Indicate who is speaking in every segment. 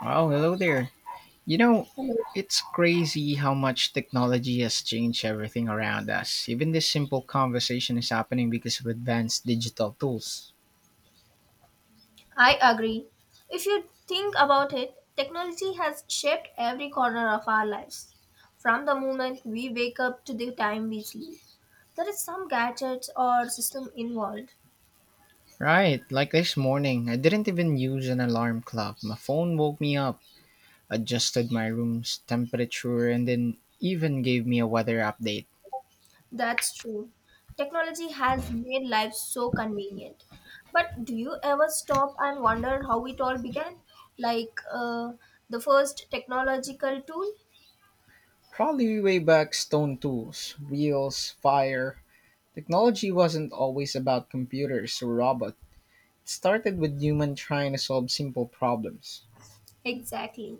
Speaker 1: Oh, hello there. You know, it's crazy how much technology has changed everything around us. Even this simple conversation is happening because of advanced digital tools.
Speaker 2: I agree. If you think about it, technology has shaped every corner of our lives. From the moment we wake up to the time we sleep, there is some gadgets or system involved.
Speaker 1: Right, like this morning, I didn't even use an alarm clock. My phone woke me up, adjusted my room's temperature, and then even gave me a weather update.
Speaker 2: That's true. Technology has made life so convenient. But do you ever stop and wonder how it all began? Like uh, the first technological tool?
Speaker 1: Probably way back stone tools, wheels, fire. Technology wasn't always about computers or robots. It started with humans trying to solve simple problems.
Speaker 2: Exactly.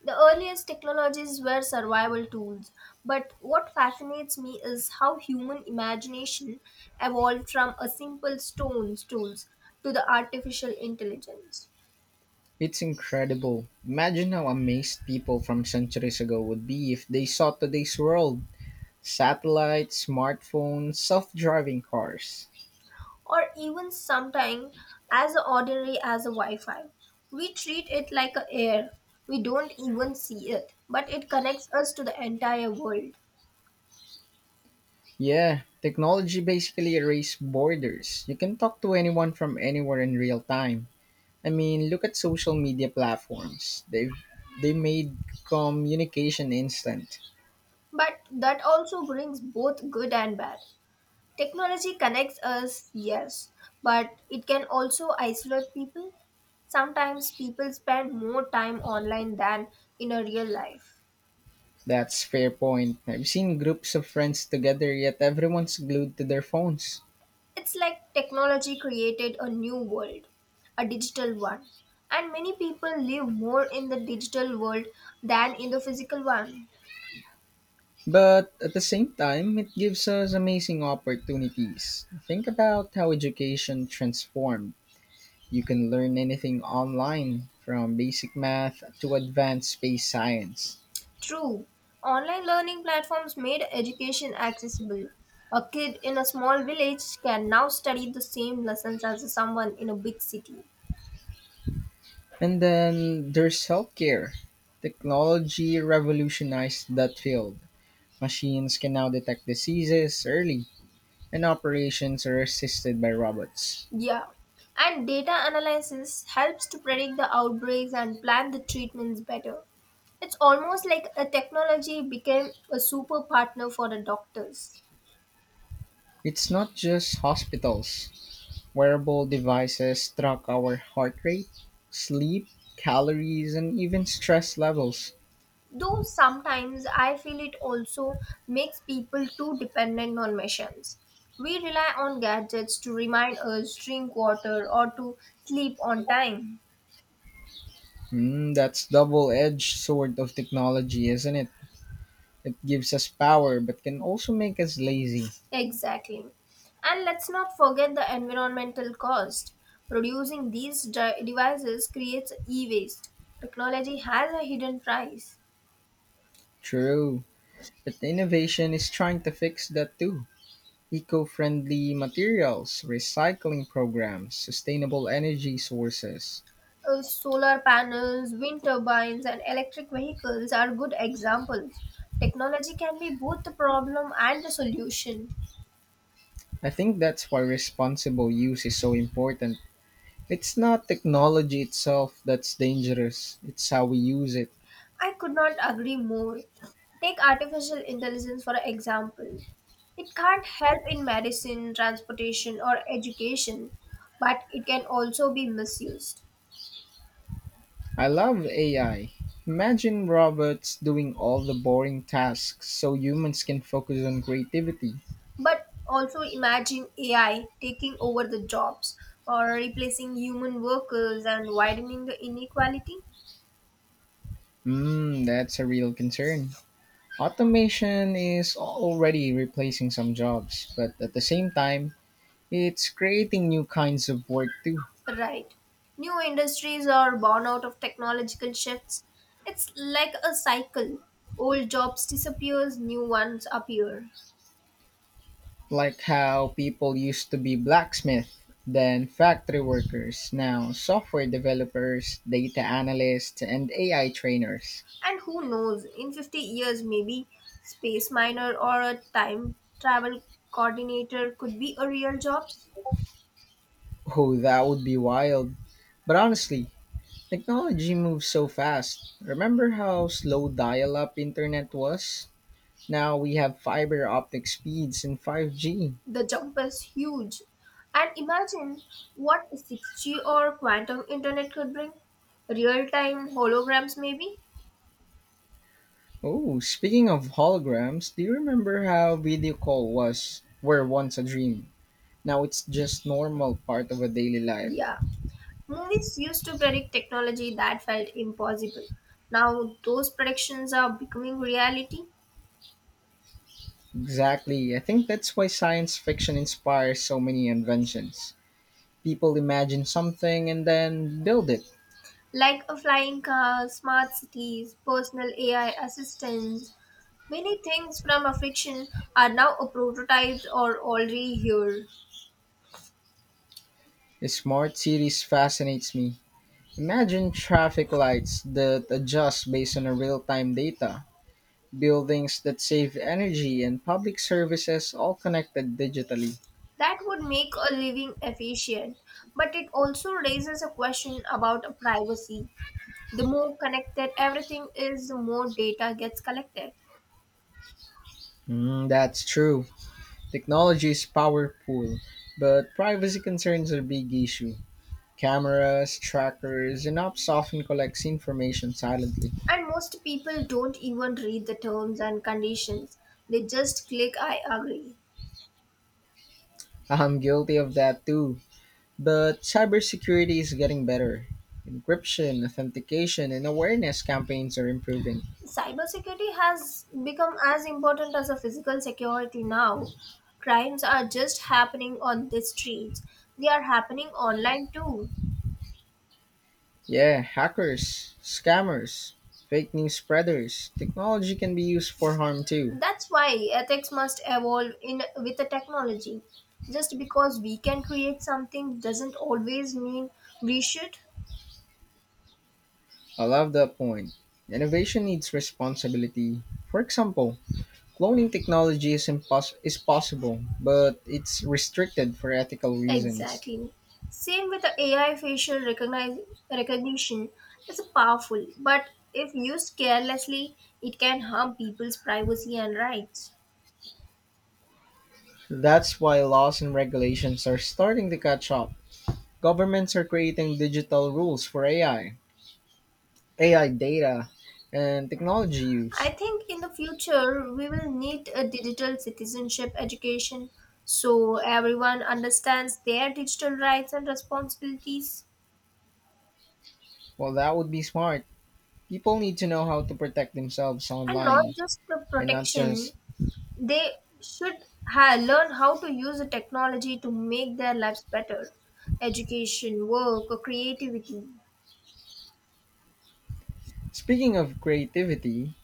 Speaker 2: The earliest technologies were survival tools, but what fascinates me is how human imagination evolved from a simple stone's tools to the artificial intelligence,
Speaker 1: It's incredible. Imagine how amazed people from centuries ago would be if they saw today's world: satellites, smartphones, self driving cars.
Speaker 2: or even sometimes as ordinary as a Wi Fi. We treat it like a air. We don't even see it, but it connects us to the entire world.
Speaker 1: Yeah, technology basically erased borders. You can talk to anyone from anywhere in real time. I mean, look at social media platforms. They made communication instant.
Speaker 2: But that also brings both good and bad. Technology connects us, yes, but it can also isolate people. Sometimes people spend more time online than in a real life.
Speaker 1: That's fair point. I've seen groups of friends together yet everyone's glued to their phones.
Speaker 2: It's like technology created a new world, a digital one, and many people live more in the digital world than in the physical one.
Speaker 1: But at the same time, it gives us amazing opportunities. Think about how education transformed. You can learn anything online, from basic math to advanced space science.
Speaker 2: True, online learning platforms made education accessible. A kid in a small village can now study the same lessons as someone in a big city.
Speaker 1: And then there's healthcare. Technology revolutionized that field. Machines can now detect diseases early, and operations are assisted by robots.
Speaker 2: Yeah. And data analysis helps to predict the outbreaks and plan the treatments better. It's almost like a technology became a super partner for the doctors.
Speaker 1: It's not just hospitals. Wearable devices track our heart rate, sleep, calories, and even stress levels.
Speaker 2: Though sometimes I feel it also makes people too dependent on machines. We rely on gadgets to remind us drink water or to sleep on time.
Speaker 1: Mm, that's double-edged sword of technology, isn't it? It gives us power but can also make us lazy.
Speaker 2: Exactly. And let's not forget the environmental cost. Producing these devices creates e waste. Technology has a hidden price.
Speaker 1: True. But innovation is trying to fix that too. Eco-friendly materials, recycling programs, sustainable energy sources.
Speaker 2: Solar panels, wind turbines, and electric vehicles are good examples. Technology can be both the problem and the solution.
Speaker 1: I think that's why responsible use is so important. It's not technology itself that's dangerous, it's how we use it.
Speaker 2: I could not agree more. Take artificial intelligence for example. It can't help in medicine, transportation, or education, but it can also be misused.
Speaker 1: I love AI. Imagine robots doing all the boring tasks so humans can focus on creativity.
Speaker 2: But also imagine AI taking over the jobs or replacing human workers and widening the inequality.
Speaker 1: Hmm, that's a real concern. Automation is already replacing some jobs, but at the same time, it's creating new kinds of work too.
Speaker 2: Right. New industries are born out of technological shifts. It's like a cycle. Old jobs disappears, new ones appear.
Speaker 1: Like how people used to be blacksmith, then factory workers, now software developers, data analysts, and AI trainers.
Speaker 2: And who knows, in 50 years, maybe space miner or a time travel coordinator could be a real job.
Speaker 1: Oh, that would be wild. But honestly, technology moves so fast. Remember how slow dial up internet was? Now we have fiber optic speeds and 5G.
Speaker 2: The jump is huge. And imagine what 6G or quantum internet could bring. Real time holograms, maybe?
Speaker 1: Oh, speaking of holograms, do you remember how video call was? Were once a dream. Now it's just normal part of a daily life.
Speaker 2: Yeah. Movies used to predict technology that felt impossible. Now those predictions are becoming reality,
Speaker 1: Exactly. I think that's why science fiction inspires so many inventions. People imagine something and then build it.
Speaker 2: like a flying car, smart cities, personal AI assistants. Many things from a fiction are now a prototypes or already here.
Speaker 1: Smart cities fascinates me. Imagine traffic lights that adjust based on real time data, buildings that save energy, and public services all connected digitally.
Speaker 2: That would make a living efficient, but it also raises a question about a privacy. The more connected everything is, the more data gets collected.
Speaker 1: Mm, that's true. Technology is powerful, but privacy concerns are a big issue. Cameras, trackers, and apps often collects information silently.
Speaker 2: And most people don't even read the terms and conditions. They just click I agree.
Speaker 1: I'm guilty of that too. But cybersecurity is getting better. Encryption, authentication, and awareness campaigns are improving.
Speaker 2: Cybersecurity has become as important as a physical security now. Crimes are just happening on the streets. They are happening online too.
Speaker 1: Yeah, hackers, scammers, fake news spreaders, technology can be used for harm too.
Speaker 2: That's why ethics must evolve in with the technology. Just because we can create something doesn't always mean we should.
Speaker 1: I love that point. Innovation needs responsibility. For example, cloning technology is, is possible, but it's restricted for ethical reasons.
Speaker 2: Exactly. Same with the AI facial recognition. It's powerful, but if used carelessly, it can harm people's privacy and rights.
Speaker 1: That's why laws and regulations are starting to catch up. Governments are creating digital rules for AI, AI data, and technology
Speaker 2: I
Speaker 1: use.
Speaker 2: think in the future we will need a digital citizenship education so everyone understands their digital rights and responsibilities
Speaker 1: Well, that would be smart, people need to know how to protect themselves
Speaker 2: and not
Speaker 1: online
Speaker 2: just the
Speaker 1: and not
Speaker 2: protection.
Speaker 1: just.
Speaker 2: They should learn how to use the technology to make their lives better. Education, work, or creativity.
Speaker 1: Speaking of creativity,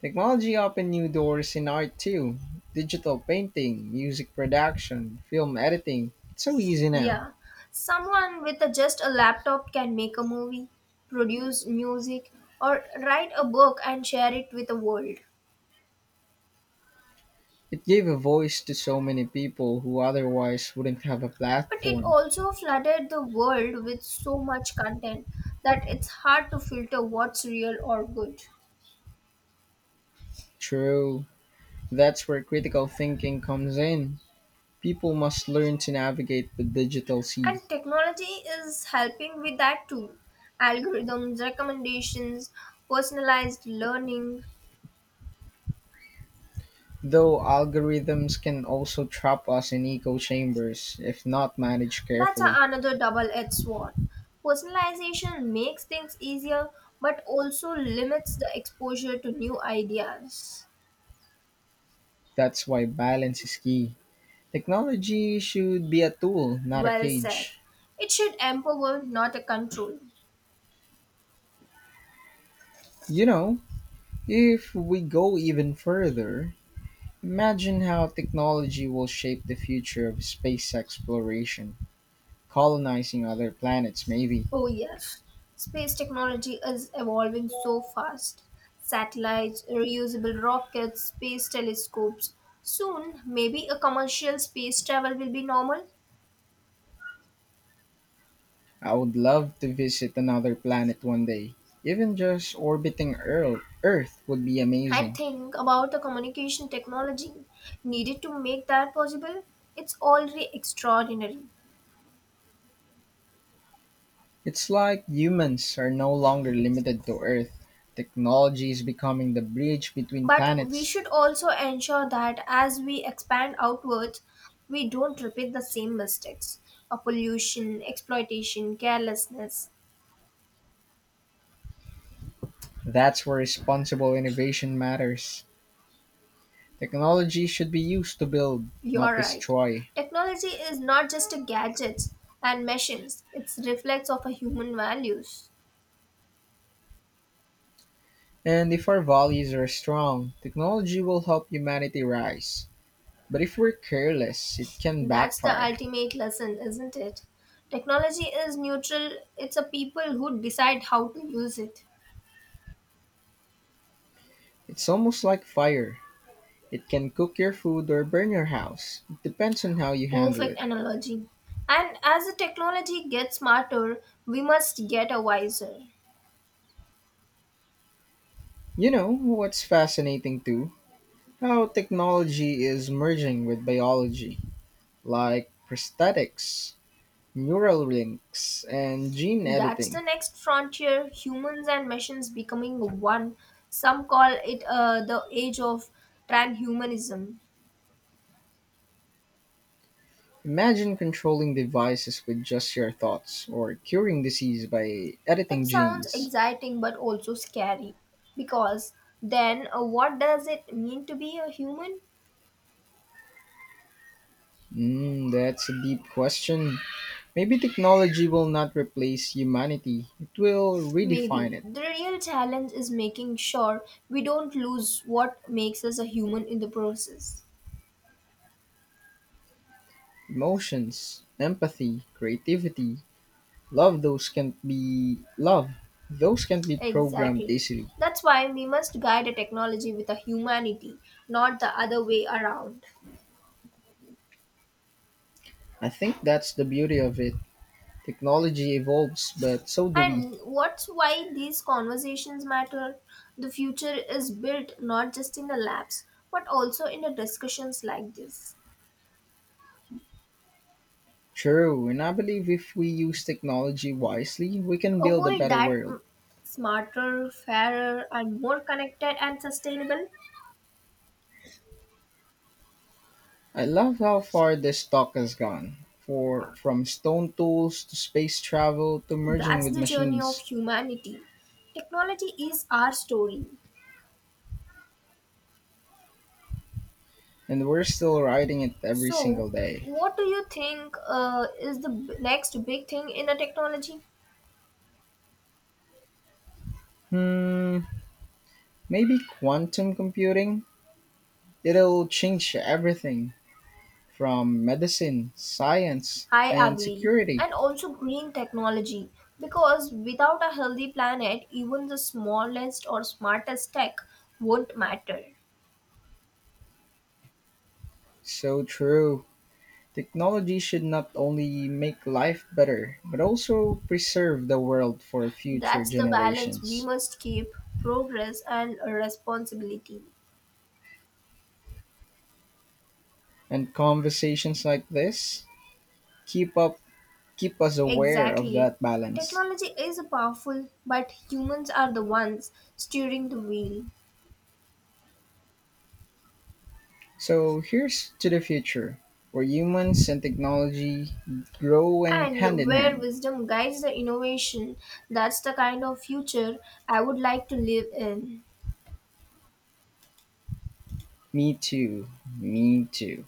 Speaker 1: technology opened new doors in art too. Digital painting, music production, film editing. It's so easy now.
Speaker 2: Yeah. Someone with a, just a laptop can make a movie, produce music, or write a book and share it with the world.
Speaker 1: It gave a voice to so many people who otherwise wouldn't have a
Speaker 2: But it
Speaker 1: platform.
Speaker 2: also flooded the world with so much content that it's hard to filter what's real or good.
Speaker 1: True. That's where critical thinking comes in. People must learn to navigate the digital sea,
Speaker 2: And technology is helping with that too. Algorithms, recommendations, personalized learning.
Speaker 1: though algorithms can also trap us in echo chambers if not managed
Speaker 2: That's a-
Speaker 1: carefully.
Speaker 2: another double edged sword. Personalization makes things easier but also limits the exposure to new ideas.
Speaker 1: That's why balance is key. Technology should be a tool, not a
Speaker 2: Well said.
Speaker 1: cage.
Speaker 2: It should empower, not a control.
Speaker 1: You know, if we go even further, imagine how technology will shape the future of space exploration, colonizing other planets, maybe.
Speaker 2: Oh, yes. Space technology is evolving so fast. Satellites, reusable rockets, space telescopes. Soon, maybe a commercial space travel will be normal.
Speaker 1: I would love to visit another planet one day. Even just orbiting Earth would be
Speaker 2: And
Speaker 1: amazing.
Speaker 2: think about the communication technology needed to make that possible. It's already extraordinary.
Speaker 1: It's like humans are no longer limited to Earth. Technology is becoming the bridge between
Speaker 2: But we
Speaker 1: planets.
Speaker 2: should also ensure that as we expand outwards, we don't repeat the same mistakes of pollution, exploitation, carelessness.
Speaker 1: That's where responsible innovation matters. Technology should be used to build, not
Speaker 2: You're right.
Speaker 1: destroy.
Speaker 2: Technology is not just a gadgets and machines, it's reflects of a human values.
Speaker 1: And if our values are strong, technology will help humanity rise. But if we're careless, it can
Speaker 2: That's the
Speaker 1: backfire.
Speaker 2: ultimate lesson, isn't it? Technology is neutral, it's a people who decide how to use it.
Speaker 1: It's almost like fire. It can cook your food or burn your house. It depends on how you handle
Speaker 2: Perfect
Speaker 1: it.
Speaker 2: analogy. And as the technology gets smarter, we must get a wiser.
Speaker 1: You know what's fascinating too? How technology is merging with biology, like prosthetics, neural links, and gene
Speaker 2: That's the
Speaker 1: editing.
Speaker 2: next frontier, humans and machines becoming one. Some call it the age of transhumanism.
Speaker 1: Imagine controlling devices with just your thoughts or curing disease by
Speaker 2: It
Speaker 1: editing
Speaker 2: sounds
Speaker 1: genes.
Speaker 2: exciting but also scary because then what does it mean to be a human?
Speaker 1: Mm, that's a deep question. Maybe technology will not replace humanity, it will redefine
Speaker 2: Maybe
Speaker 1: it.
Speaker 2: the real challenge is making sure we don't lose what makes us a human in the process.
Speaker 1: Emotions, empathy, creativity, love, those can be love. Those can be programmed
Speaker 2: Exactly.
Speaker 1: easily.
Speaker 2: That's why we must guide the technology with a humanity, not the other way around.
Speaker 1: I think that's the beauty of it. Technology evolves, but so do we.
Speaker 2: And what's why these conversations matter? The future is built not just in the labs, but also in the discussions like this.
Speaker 1: True, and I believe if we use technology wisely, we can
Speaker 2: A
Speaker 1: build a
Speaker 2: world
Speaker 1: better
Speaker 2: that
Speaker 1: world.
Speaker 2: mm, smarter, fairer, and more connected and sustainable.
Speaker 1: I love how far this talk has gone. For from stone tools to space travel to merging
Speaker 2: That's
Speaker 1: with
Speaker 2: the journey of
Speaker 1: machines.
Speaker 2: humanity. Technology is our story.
Speaker 1: And we're still riding it every
Speaker 2: So,
Speaker 1: single day.
Speaker 2: what do you think is the next big thing in the technology?
Speaker 1: Hmm, maybe quantum computing? It'll change everything, from medicine, science,
Speaker 2: I
Speaker 1: and
Speaker 2: agree.
Speaker 1: security.
Speaker 2: And also green technology. Because without a healthy planet, even the smallest or smartest tech won't matter.
Speaker 1: So true. Technology should not only make life better, but also preserve the world for future
Speaker 2: That's the balance we
Speaker 1: generations.
Speaker 2: must keep progress and responsibility.
Speaker 1: And conversations like this keep up keep us aware of
Speaker 2: Exactly.
Speaker 1: that balance.
Speaker 2: Technology is powerful, but humans are the ones steering the wheel.
Speaker 1: So here's to the future where humans and technology grow and hand
Speaker 2: And
Speaker 1: in
Speaker 2: where
Speaker 1: hand.
Speaker 2: wisdom guides the innovation, that's the kind of future I would like to live in.
Speaker 1: Me too. Me too.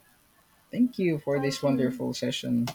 Speaker 1: Thank you for this
Speaker 2: Thank you.
Speaker 1: wonderful session.